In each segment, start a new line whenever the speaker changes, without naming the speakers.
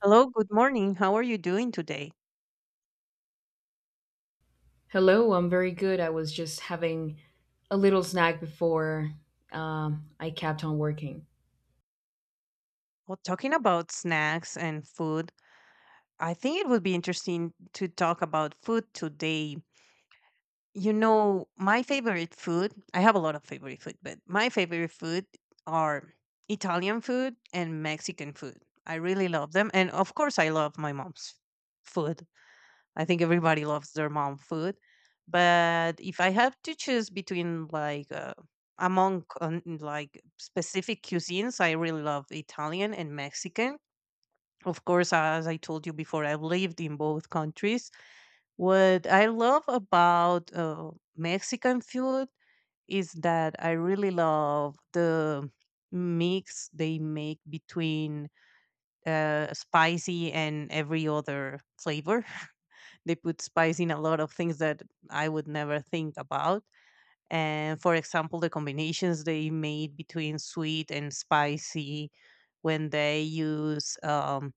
Hello, good morning. How are you doing today?
Hello, I'm very good. I was just having a little snack before I kept on working.
Well, talking about snacks and food, I think it would be interesting to talk about food today. You know, my favorite food, I have a lot of favorite food, but my favorite food are Italian food and Mexican food. I really love them. And of course, I love my mom's food. I think everybody loves their mom food. But if I have to choose between among like specific cuisines, I really love Italian and Mexican. Of course, as I told you before, I've lived in both countries. What I love about Mexican food is that I really love the mix they make between spicy and every other flavor. They put spice in a lot of things that I would never think about. And for example, the combinations they made between sweet and spicy when they use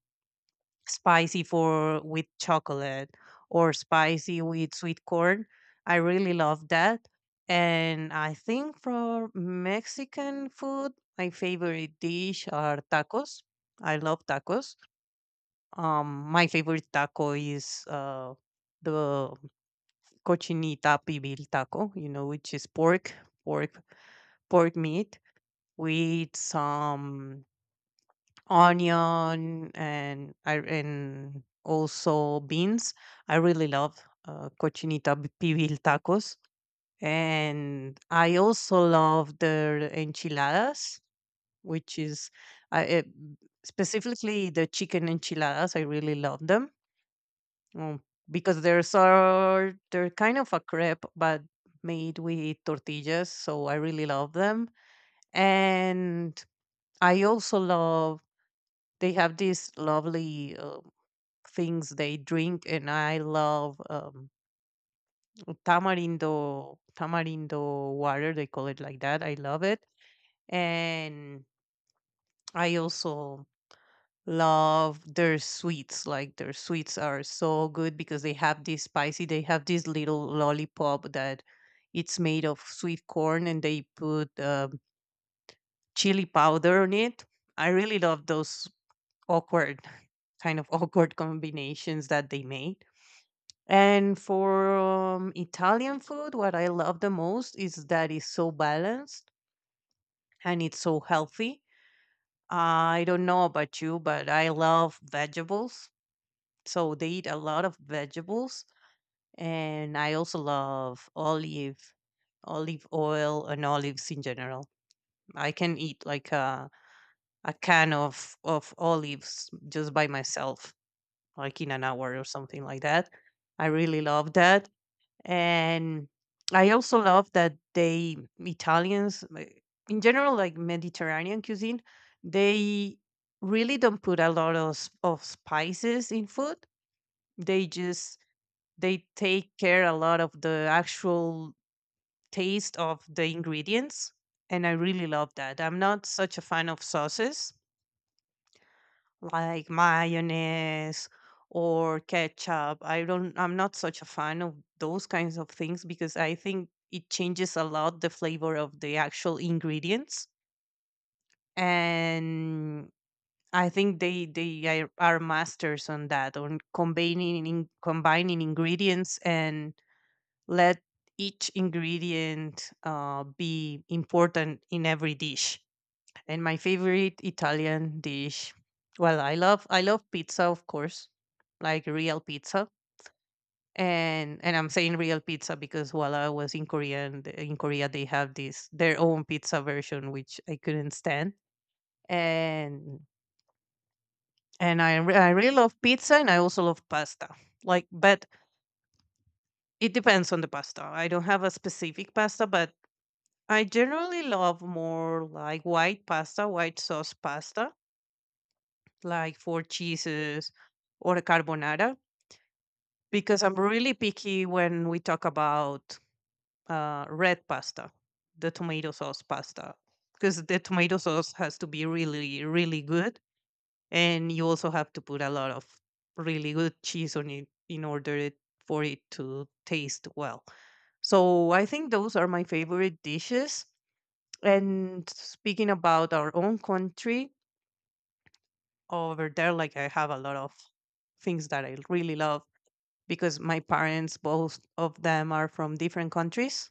spicy for with chocolate or spicy with sweet corn. I really love that. And I think for Mexican food, my favorite dish are tacos. I love tacos. My favorite taco is the cochinita pibil taco, you know, which is pork, pork, pork meat with some onion and also beans. I really love pibil tacos, and I also love their enchiladas, which is I, uh, specifically the chicken enchiladas. I really love them. Mm, because they're kind of a crepe, but made with tortillas, so I really love them. And I also love they have these lovely things they drink, and I love tamarindo water. They call it like that. I love it, and I also love their sweets. Like their sweets are so good because they have this little lollipop that it's made of sweet corn and they put chili powder on it. I really love those awkward, kind of awkward combinations that they made. And for Italian food, what I love the most is that it's so balanced and it's so healthy. I don't know about you, but I love vegetables. So they eat a lot of vegetables, and I also love olive oil, and olives in general. I can eat like a can of olives just by myself, like in an hour or something like that. I really love that, and I also love that they Italians like, in general, like Mediterranean cuisine, they really don't put a lot of of spices in food. They just they take care a lot of the actual taste of the ingredients, and I really love that. I'm not such a fan of sauces like mayonnaise or ketchup. I'm not such a fan of those kinds of things because I think it changes a lot the flavor of the actual ingredients. And I think they are masters on that, on combining ingredients and let each ingredient be important in every dish. And my favorite Italian dish, well, I love pizza, of course, like real pizza. And I'm saying real pizza because while I was in Korea and in Korea they have this their own pizza version which I couldn't stand. And and I really love pizza and I also love pasta. Like, but it depends on the pasta. I don't have a specific pasta, but I generally love more like white pasta, white sauce pasta, like four cheeses or a carbonara, because I'm really picky when we talk about red pasta, the tomato sauce pasta, because the tomato sauce has to be really, really good. And you also have to put a lot of really good cheese on it in order it, for it to taste well. So I think those are my favorite dishes. And speaking about our own country, over there, like I have a lot of things that I really love because my parents, both of them, are from different countries,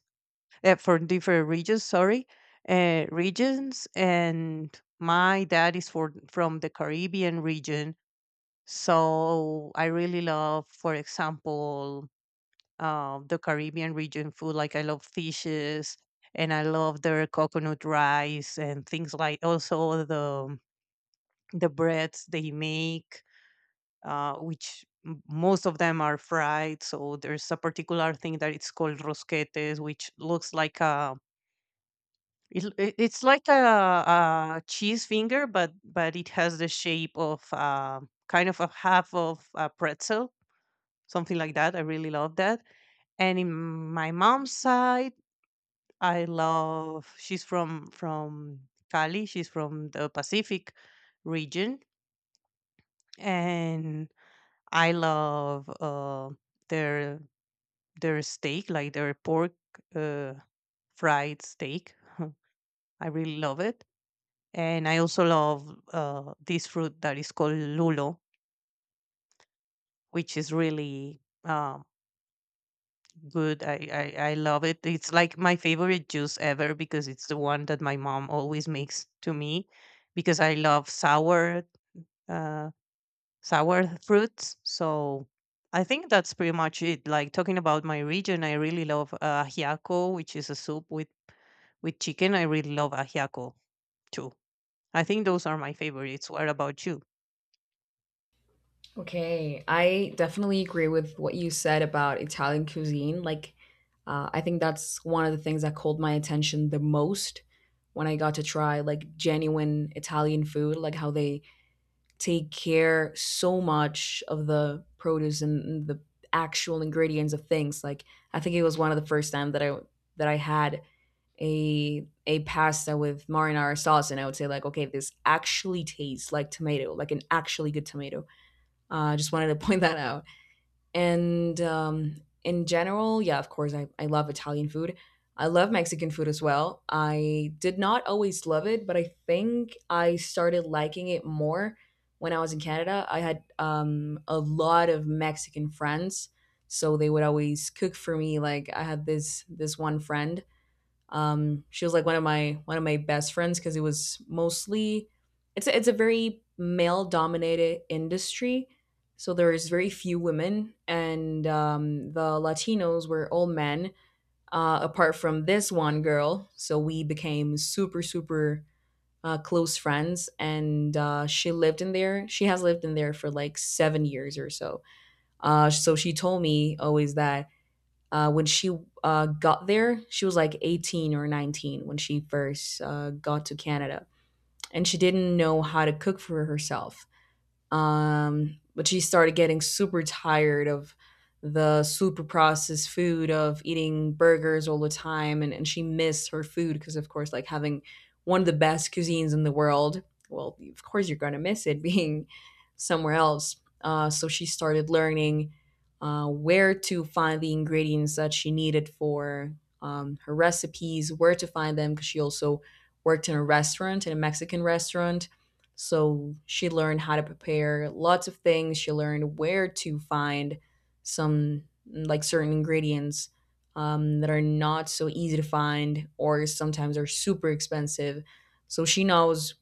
from different regions. Sorry, regions, and my dad is for from the Caribbean region. So I really love, for example, the Caribbean region food. Like I love fishes and I love their coconut rice and things like also the breads they make, which most of them are fried. So there's a particular thing that it's called rosquetes, which looks like it's like a cheese finger, but it has the shape of kind of a half of a pretzel, something like that. I really love that. And in my mom's side I love. She's from Cali. She's from the Pacific region, and I love their their steak, like their pork uh, fried steak. I really love it, and I also love this fruit that is called lulo, which is really um, good. I love it. It's like my favorite juice ever because it's the one that my mom always makes to me because I love sour uh sour fruits. So I think that's pretty much it. Like talking about my region, I really love ajiaco, which is a soup with chicken. I really love ajiaco too. I think those are my favorites. What about you?
Okay, I definitely agree with what you said about Italian cuisine. Like, I think that's one of the things that called my attention the most when I got to try like genuine Italian food, like how they take care so much of the produce and the actual ingredients of things. Like, I think it was one of the first time that I had a pasta with marinara sauce, and I would say like, okay, this actually tastes like tomato, like an actually good tomato. I just wanted to point that out. And in general, yeah, of course, I love Italian food. I love Mexican food as well. I did not always love it, but I think I started liking it more when I was in Canada. I had a lot of Mexican friends, so they would always cook for me. Like I had this one friend. She was like one of my best friends because it was mostly it's a very male dominated industry, so there is very few women, and the Latinos were all men apart from this one girl. So we became super super close friends, and she lived in there. She has lived in there for like 7 years or so. So she told me always that when she got there, she was like 18 or 19 when she first got to Canada. And she didn't know how to cook for herself. But she started getting super tired of the super processed food, of eating burgers all the time, and she missed her food, because of course, like, having one of the best cuisines in the world, well, of course you're gonna miss it being somewhere else. So she started learning where to find the ingredients that she needed for her recipes, where to find them, because she also worked in a restaurant, in a Mexican restaurant. So she learned how to prepare lots of things. She learned where to find some like certain ingredients that are not so easy to find, or sometimes are super expensive. So she knows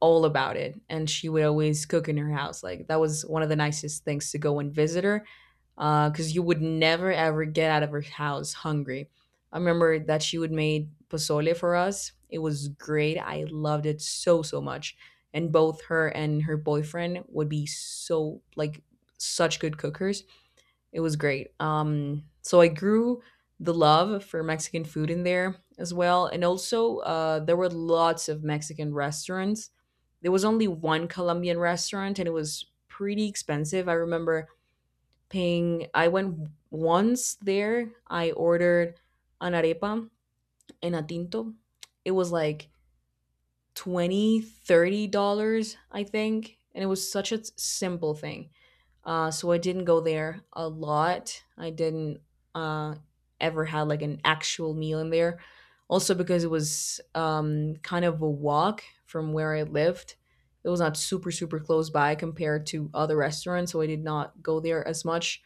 all about it, and she would always cook in her house. Like that was one of the nicest things, to go and visit her, because you would never ever get out of her house hungry. I remember that she would make pozole for us. It was great. I loved it so so much. And both her and her boyfriend would be so, like, such good cookers. It was great. So I grew the love for Mexican food in there as well, and also there were lots of Mexican restaurants. There was only one Colombian restaurant, and it was pretty expensive. I remember paying. I went once there. I ordered an arepa and a tinto. It was like $20-30, I think, and it was such a simple thing. So I didn't go there a lot. I didn't uh, ever had like an actual meal in there. Also because it was kind of a walk from where I lived. It was not super super close by compared to other restaurants, so I did not go there as much.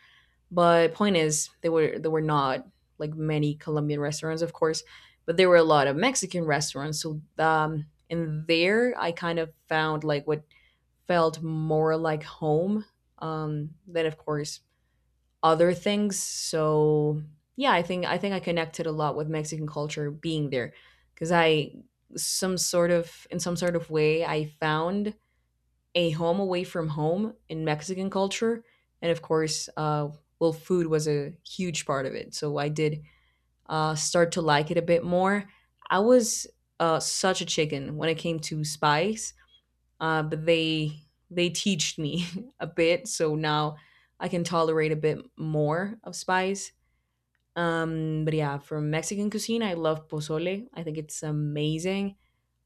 But point is, there were not like many Colombian restaurants, of course, but there were a lot of Mexican restaurants. So and there I kind of found like what felt more like home, than, of course, other things. So yeah, I think I connected a lot with Mexican culture being there because I some sort of in some sort of way I found a home away from home in Mexican culture, and of course, well, food was a huge part of it. So I did start to like it a bit more. I was such a chicken when it came to spice, but they teached me a bit, so now I can tolerate a bit more of spice. But yeah, from Mexican cuisine, I love pozole. I think it's amazing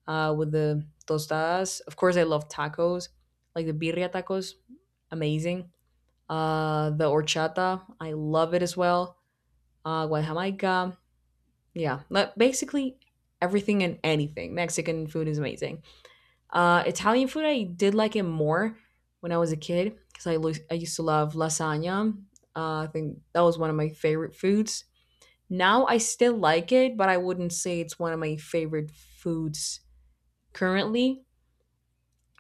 with the tostadas. Of course, I love tacos, like the birria tacos, amazing. The horchata, I love it as well. Guajamaica, yeah, but basically everything and anything. Mexican food is amazing. Italian food, I did like it more when I was a kid because I, I used to love lasagna. I think that was one of my favorite foods. Now I still like it, but I wouldn't say it's one of my favorite foods currently.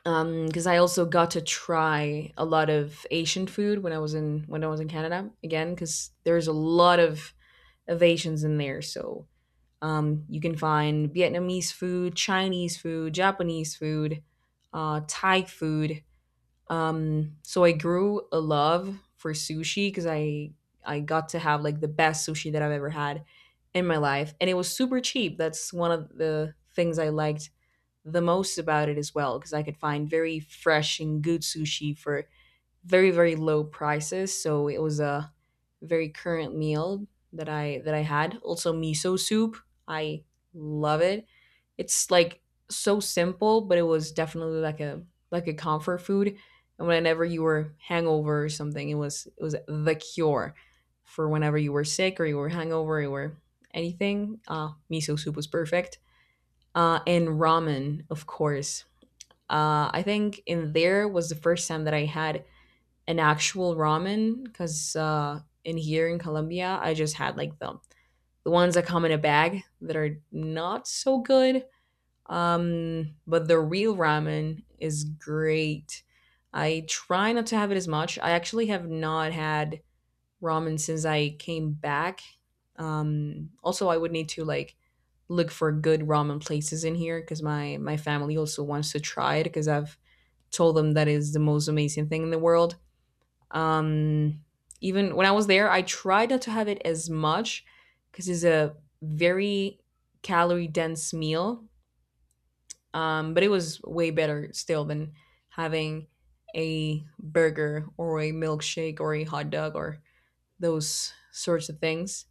Because I also got to try a lot of Asian food when I was in Canada again, because there's a lot of Asians in there. So you can find Vietnamese food, Chinese food, Japanese food, Thai food. So I grew a love for sushi because I got to have like the best sushi that I've ever had in my life, and it was super cheap. That's one of the things I liked the most about it as well, because I could find very fresh and good sushi for very very low prices. So it was a very current meal that I had. Also miso soup. I love it. It's like so simple, but it was definitely like a comfort food. And whenever you were hangover or something, it was the cure for whenever you were sick, or you were hangover, or you were anything. Miso soup was perfect. And ramen, of course, I think in there was the first time that I had an actual ramen, because in here in Colombia, I just had like the ones that come in a bag that are not so good. But the real ramen is great. I try not to have it as much. I actually have not had ramen since I came back. Also, I would need to, like, look for good ramen places in here, because my family also wants to try it, because I've told them that is the most amazing thing in the world. Um, even when I was there, I tried not to have it as much because it's a very calorie dense meal, but it was way better still than having a burger or a milkshake or a hot dog or those sorts of things.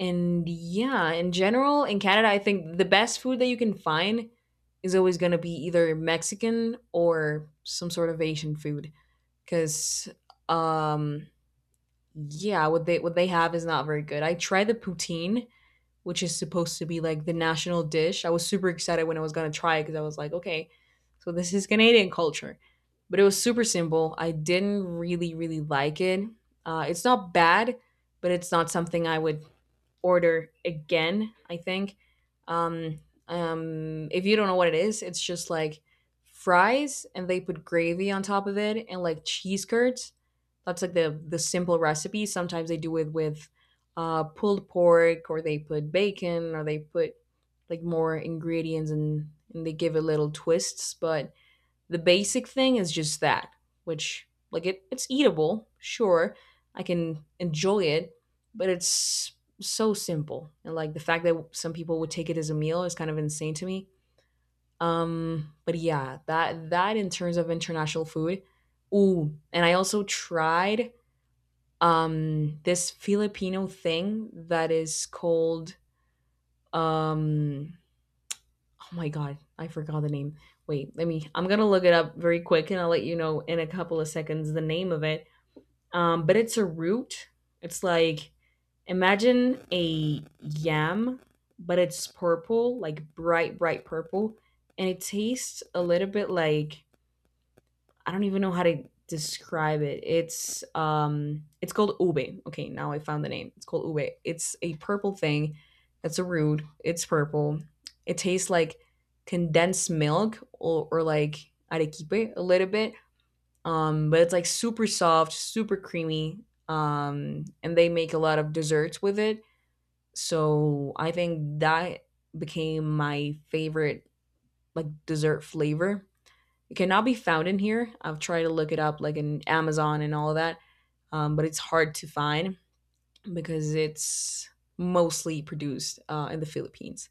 And yeah, in general, in Canada, I think the best food that you can find is always going to be either Mexican or some sort of Asian food, because um yeah, what they have is not very good. I tried the poutine, which is supposed to be like the national dish. I was super excited when I was gonna try it, because I was like, okay, so this is Canadian culture. But it was super simple, I didn't really really like it. Uh, it's not bad, but it's not something I would order again, I think. Um, if you don't know what it is, it's just like fries, and they put gravy on top of it, and like cheese curds. That's like the simple recipe. Sometimes they do it with pulled pork, or they put bacon, or they put like more ingredients, and they give it little twists. But the basic thing is just that, which, like, it's eatable, sure. I can enjoy it, but it's so simple. And like the fact that some people would take it as a meal is kind of insane to me. But yeah, that in terms of international food. Ooh, and I also tried this Filipino thing that is called um oh my god, I forgot the name. Wait, let me. I'm gonna look it up very quick, and I'll let you know in a couple of seconds the name of it. But it's a root. It's like, imagine a yam, but it's purple, like bright, bright purple, and it tastes a little bit like, I don't even know how to describe it. It's um, it's called ube. Okay, now I found the name. It's called ube. It's a purple thing. That's a root. It's purple. It tastes like condensed milk, or like arequipe a little bit. But it's like super soft, super creamy. And they make a lot of desserts with it. So I think that became my favorite like dessert flavor. It cannot be found in here. I've tried to look it up, like in Amazon and all of that, but it's hard to find because it's mostly produced in the Philippines.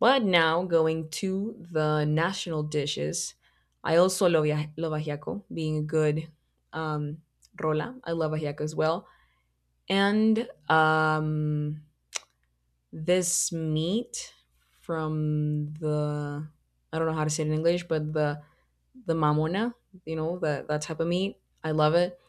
But now going to the national dishes, I also love ajiaco, being a good um, rola. I love ajiaco as well. And this meat from the, I don't know how to say it in English, but the mamona, you know, the, that type of meat. I love it.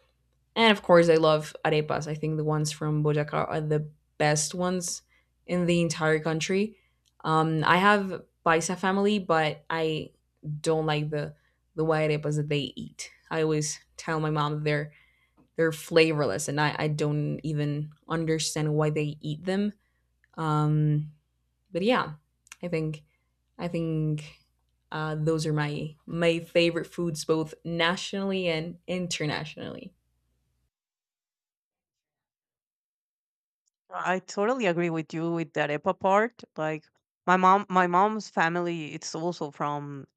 And of course, I love arepas. I think the ones from Boyacá are the best ones in the entire country. I have paisa family, but I don't like the white arepas that they eat. I always tell my mom that they're flavorless, and I don't even understand why they eat them. Um, but I think I think those are my favorite foods, both nationally and internationally.
I totally agree with you with that EPA part. Like my mom's family, it's also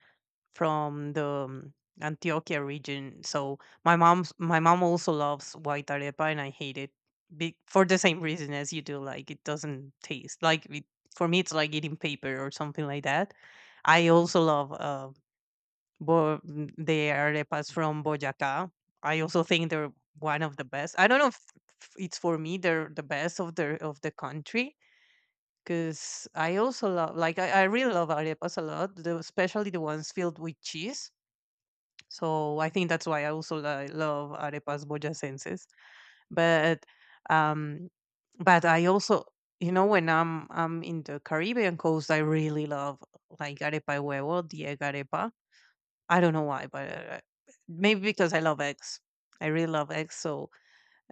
from the Antioquia region. So my mom also loves white arepa, and I hate it for the same reason as you do. Like it doesn't taste like it, for me, it's like eating paper or something like that. I also love the arepas from Boyacá. I also think they're one of the best. I don't know if it's for me they're the best of the country because I also love like I really love arepas a lot, the, especially the ones filled with cheese, so I think that's why I also love arepas boyacenses. But um, but I also, you know, when I'm in the Caribbean coast, I really love like arepa de huevo, the egg arepa. I don't know why, but maybe because I love eggs. I really love eggs, so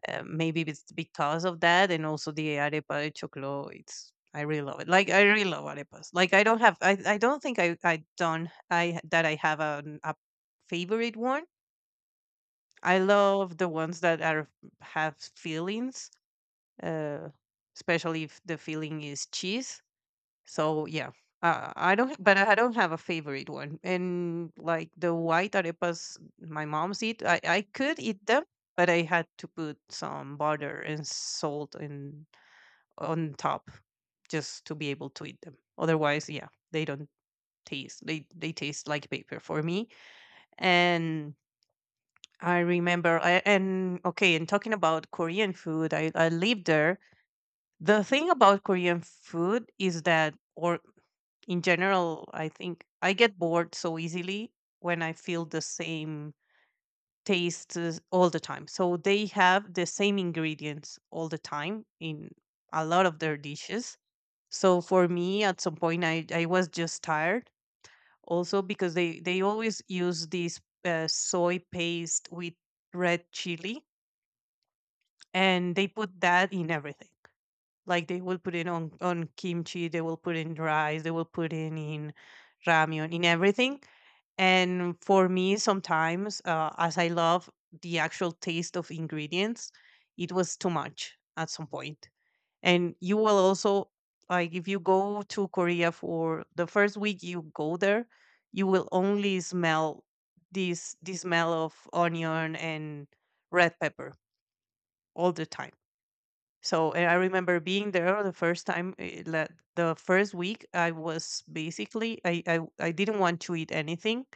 maybe it's because of that, and also the arepa de choclo. It's I really love it. Like I really love arepas. Like I don't think I don't I that I have a favorite one. I love the ones that are have feelings, uh, especially if the feeling is cheese. So yeah, I don't, but I don't have a favorite one. And like the white arepas my mom's eat, I could eat them, but I had to put some butter and salt in on top just to be able to eat them. Otherwise, yeah, they don't taste. They taste like paper for me. And I remember, and okay, and talking about Korean food, I lived there. The thing about Korean food is that, or in general, I think I get bored so easily when I feel the same taste all the time. So they have the same ingredients all the time in a lot of their dishes. So for me, at some point, I was just tired. Also, because they always use this soy paste with red chili, and they put that in everything. Like they will put it on kimchi, they will put in rice, they will put in ramyun, in everything. And for me, sometimes, as I love the actual taste of ingredients, it was too much at some point. And you will also like if you go to Korea for the first week you go there, you will only smell this the smell of onion and red pepper all the time. So, and I remember being there the first time, like, the first week, I was basically I didn't want to eat anything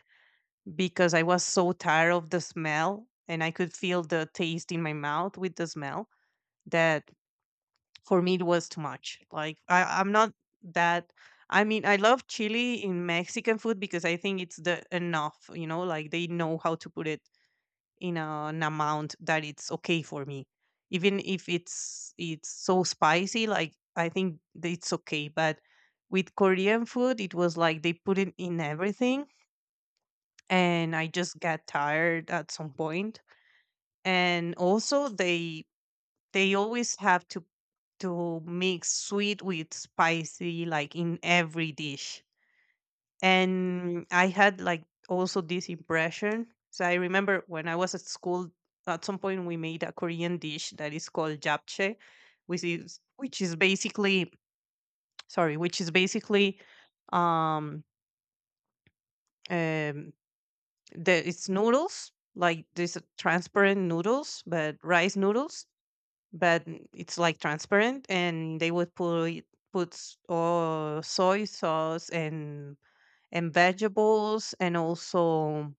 because I was so tired of the smell and I could feel the taste in my mouth with the smell that for me it was too much. Like I'm not that I mean I love chili in Mexican food because I think it's the enough, you know, like they know how to put it in an amount that it's okay for me even if it's it's so spicy, like I think that it's okay. But with Korean food it was like they put it in everything, and I just got tired at some point. And also they always have to mix sweet with spicy like in every dish, and I had like also this impression. So I remember when I was at school, at some point we made a Korean dish that is called japchae, which is basically which is basically um, um the it's noodles, like these are transparent noodles, but rice noodles, but it's like transparent, and they would put soy sauce and vegetables and also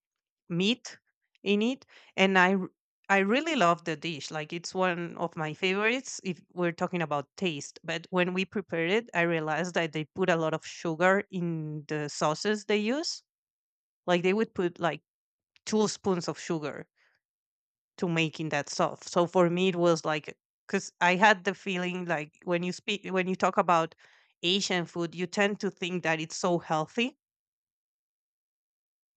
meat in it. And I really love the dish. Like, it's one of my favorites if we're talking about taste, but when we prepared it, I realized that they put a lot of sugar in the sauces they use. Like they would put like two spoons of sugar to making that sauce. So for me it was like, because I had the feeling, like when you talk about Asian food, you tend to think that it's so healthy.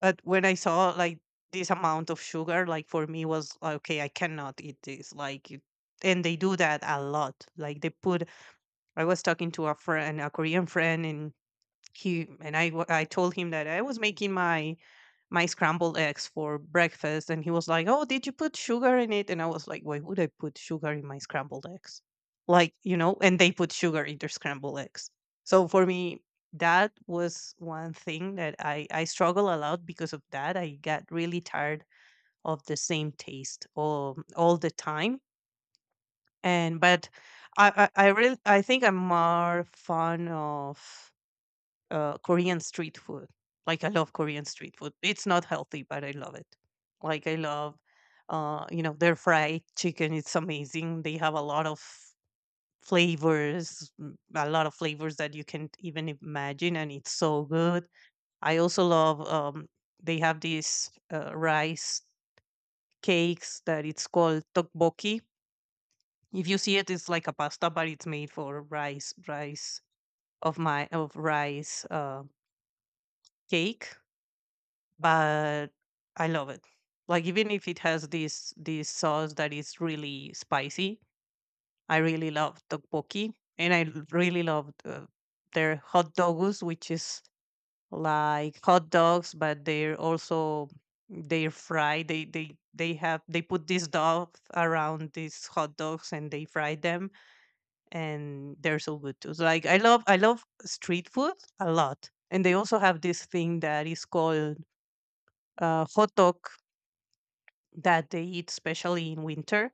But when I saw like this amount of sugar, like for me was like, okay, I cannot eat this. And they do that a lot. Like they put. I was talking to a friend, a Korean friend, and he and I. wa- I told him that I was making my my scrambled eggs for breakfast, and he was like, "Oh, did you put sugar in it?" And I was like, "Why would I put sugar in my scrambled eggs?" Like, you know, and they put sugar in their scrambled eggs. So for me, that was one thing that I struggle a lot because of that. I got really tired of the same taste all the time. And but I really, I think I'm more fond of Korean street food. Like I love Korean street food. It's not healthy, but I love it. Like I love, you know, their fried chicken. It's amazing. They have a lot of a lot of flavors that you can't even imagine, and it's so good. I also love. They have these rice cakes that it's called tteokbokki. If you see it, it's like a pasta, but it's made for rice, of my of rice cake but I love it. Like, even if it has this sauce that is really spicy, I really love tteokbokki, and I really love their hot dogs, which is like hot dogs, but they're also they're fried. They put this dough around these hot dogs and they fry them, and they're so good too. So, like, I love street food a lot, and they also have this thing that is called hot dog that they eat, especially in winter,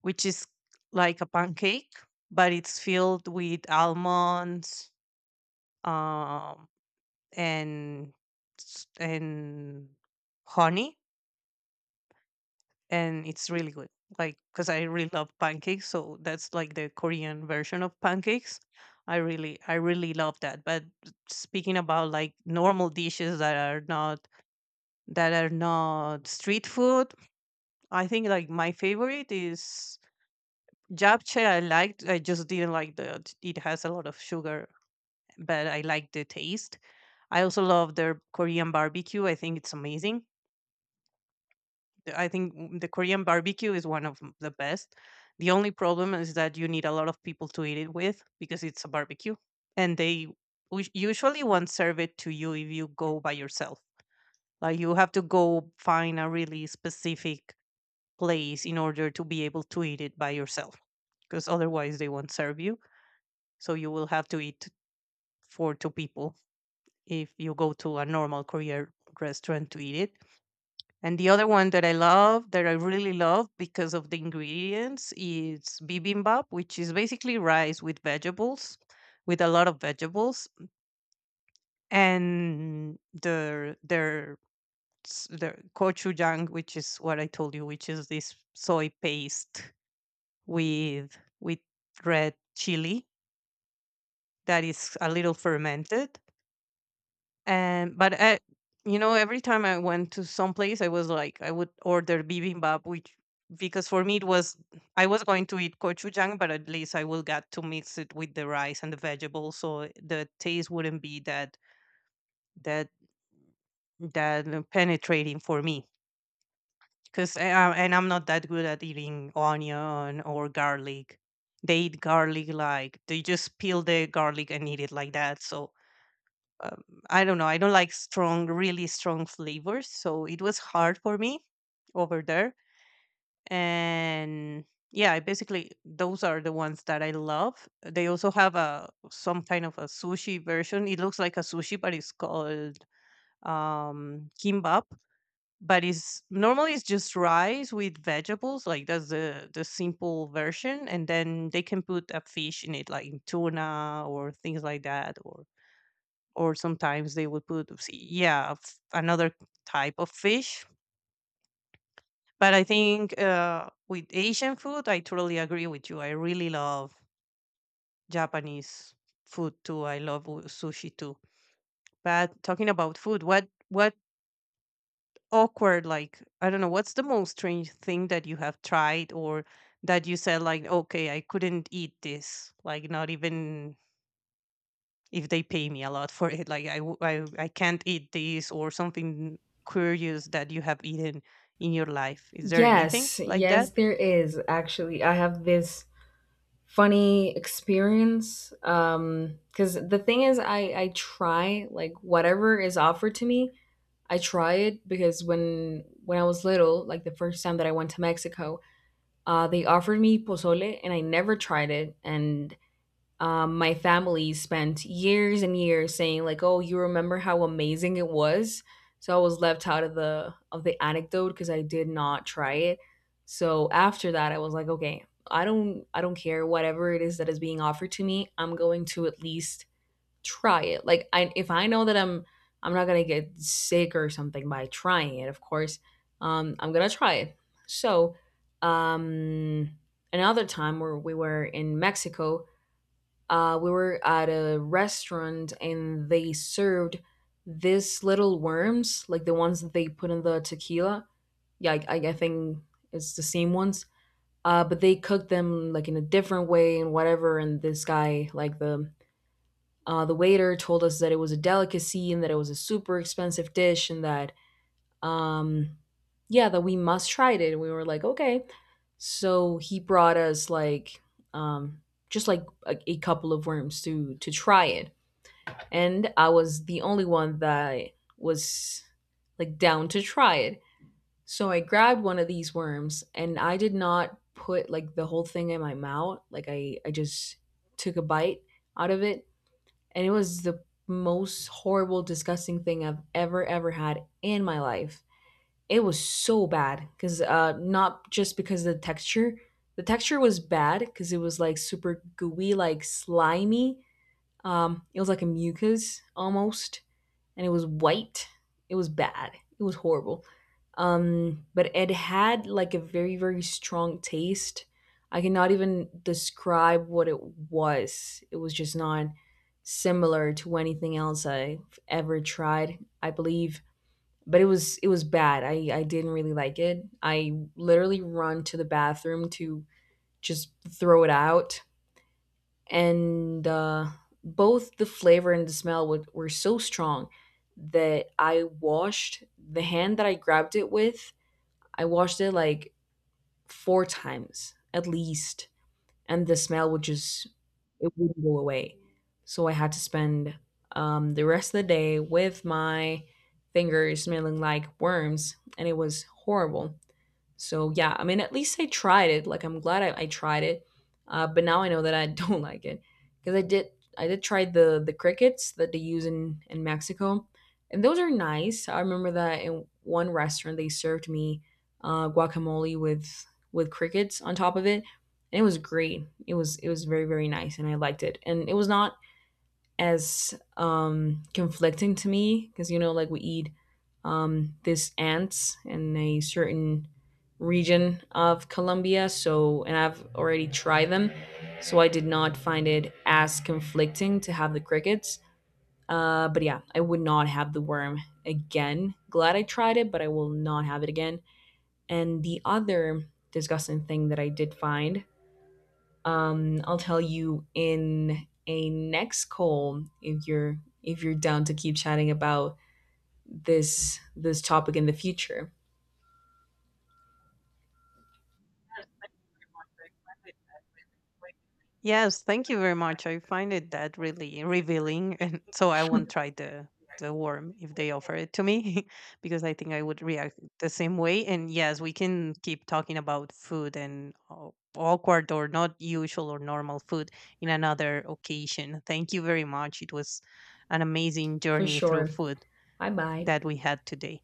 which is like a pancake, but it's filled with almonds, um, and s- and honey, and it's really good. Like, because I really love pancakes, so that's like the Korean version of pancakes. I really love that. But speaking about like normal dishes that are not street food, I think like my favorite is japchae. I liked. I just didn't like that it has a lot of sugar, but I like the taste. I also love their Korean barbecue. I think it's amazing. I think the Korean barbecue is one of the best. The only problem is that you need a lot of people to eat it with, because it's a barbecue, and they usually won't serve it to you if you go by yourself. Like, you have to go find a really specific place in order to be able to eat it by yourself, because otherwise they won't serve you. So you will have to eat for two people if you go to a normal Korean restaurant to eat it. And the other one that I love, that I really love because of the ingredients, is bibimbap, which is basically rice with vegetables, with a lot of vegetables, and their gochujang, which is what I told you, which is this soy paste with red chili that is a little fermented. And but I, you know, every time I went to some place, I was like, I would order bibimbap, which, because for me it was, I was going to eat gochujang, but at least I will get to mix it with the rice and the vegetables, so the taste wouldn't be that that penetrating for me. Because, and I'm not that good at eating onion or garlic. They eat garlic like they just peel the garlic and eat it like that. So um, I don't know. I don't like strong, really strong flavors, so it was hard for me over there. And yeah, I basically those are the ones that I love. They also have a some kind of a sushi version. It looks like a sushi, but it's called kimbap. But it's normally, it's just rice with vegetables, like that's the simple version, and then they can put a fish in it, like tuna or things like that, or sometimes they would put yeah, another type of fish. But I think with Asian food, I totally agree with you. I really love Japanese food too. I love sushi too. But talking about food, what awkward, like, I don't know, what's the most strange thing that you have tried, or that you said like, okay, I couldn't eat this, like, not even if they pay me a lot for it, like I can't eat this, or something curious that you have eaten in your life? Is there anything
Yes,
like
yes,
that?
there is actually. I have this funny experience because the thing is I try like whatever is offered to me I try it because when I was little, like the first time that I went to Mexico, they offered me pozole and I never tried it and My family spent years and years saying like, "Oh, you remember how amazing it was?" So I was left out of the anecdote because I did not try it. So after that, I was like, "Okay, I don't care whatever it is that is being offered to me. I'm going to at least try it. Like, I if I know that I'm not gonna get sick or something by trying it, of course, I'm gonna try it." So, um, Another time where we were in Mexico, we were at a restaurant and they served these little worms, like the ones that they put in the tequila. Yeah, I think it's the same ones. But they cooked them like in a different way and whatever. And this guy, like the waiter, told us that it was a delicacy and that it was a super expensive dish and um yeah that we must try it, and we were like okay. So he brought us like um just like a couple of worms to try it, and I was the only one that was like down to try it. So I grabbed one of these worms, and I did not put like the whole thing in my mouth. Like I just took a bite out of it, and it was the most horrible, disgusting thing I've ever had in my life. It was so bad because not just because of the texture. The texture was bad because it was like super gooey, like slimy. It was like a mucus almost, and it was white. It was bad. It was horrible. But it had like a very, very strong taste. I cannot even describe what it was. It was just not similar to anything else I've ever tried, I believe. But it was bad. I didn't really like it. I literally run to the bathroom to just throw it out, and both the flavor and the smell were so strong that I washed the hand that I grabbed it with. I washed it like four times at least, and the smell would just it wouldn't go away. So I had to spend the rest of the day with my fingers smelling like worms, and it was horrible. So yeah, I mean, at least I tried it. Like I'm glad I tried it, but now I know that I don't like it. Because I did try the crickets that they use in Mexico, and those are nice. I remember that in one restaurant they served me guacamole with crickets on top of it, and it was great. It was very, very nice, and I liked it. And it was not as conflicting to me, because you know like we eat these ants in a certain region of Colombia. So, and I've already tried them. So, I did not find it as conflicting to have the crickets. But yeah, I would not have the worm again. Glad I tried it, but I will not have it again. And the other disgusting thing that I did find, I'll tell you in a next call if you're down to keep chatting about this topic in the future.
Yes, thank you very much. I find it that really revealing and so I won't try the worm if they offer it to me because I think I would react the same way. And yes, we can keep talking about food and awkward or not usual or normal food in another occasion. Thank you very much. It was an amazing
For
journey through
sure.
food
Bye bye.
that we had today.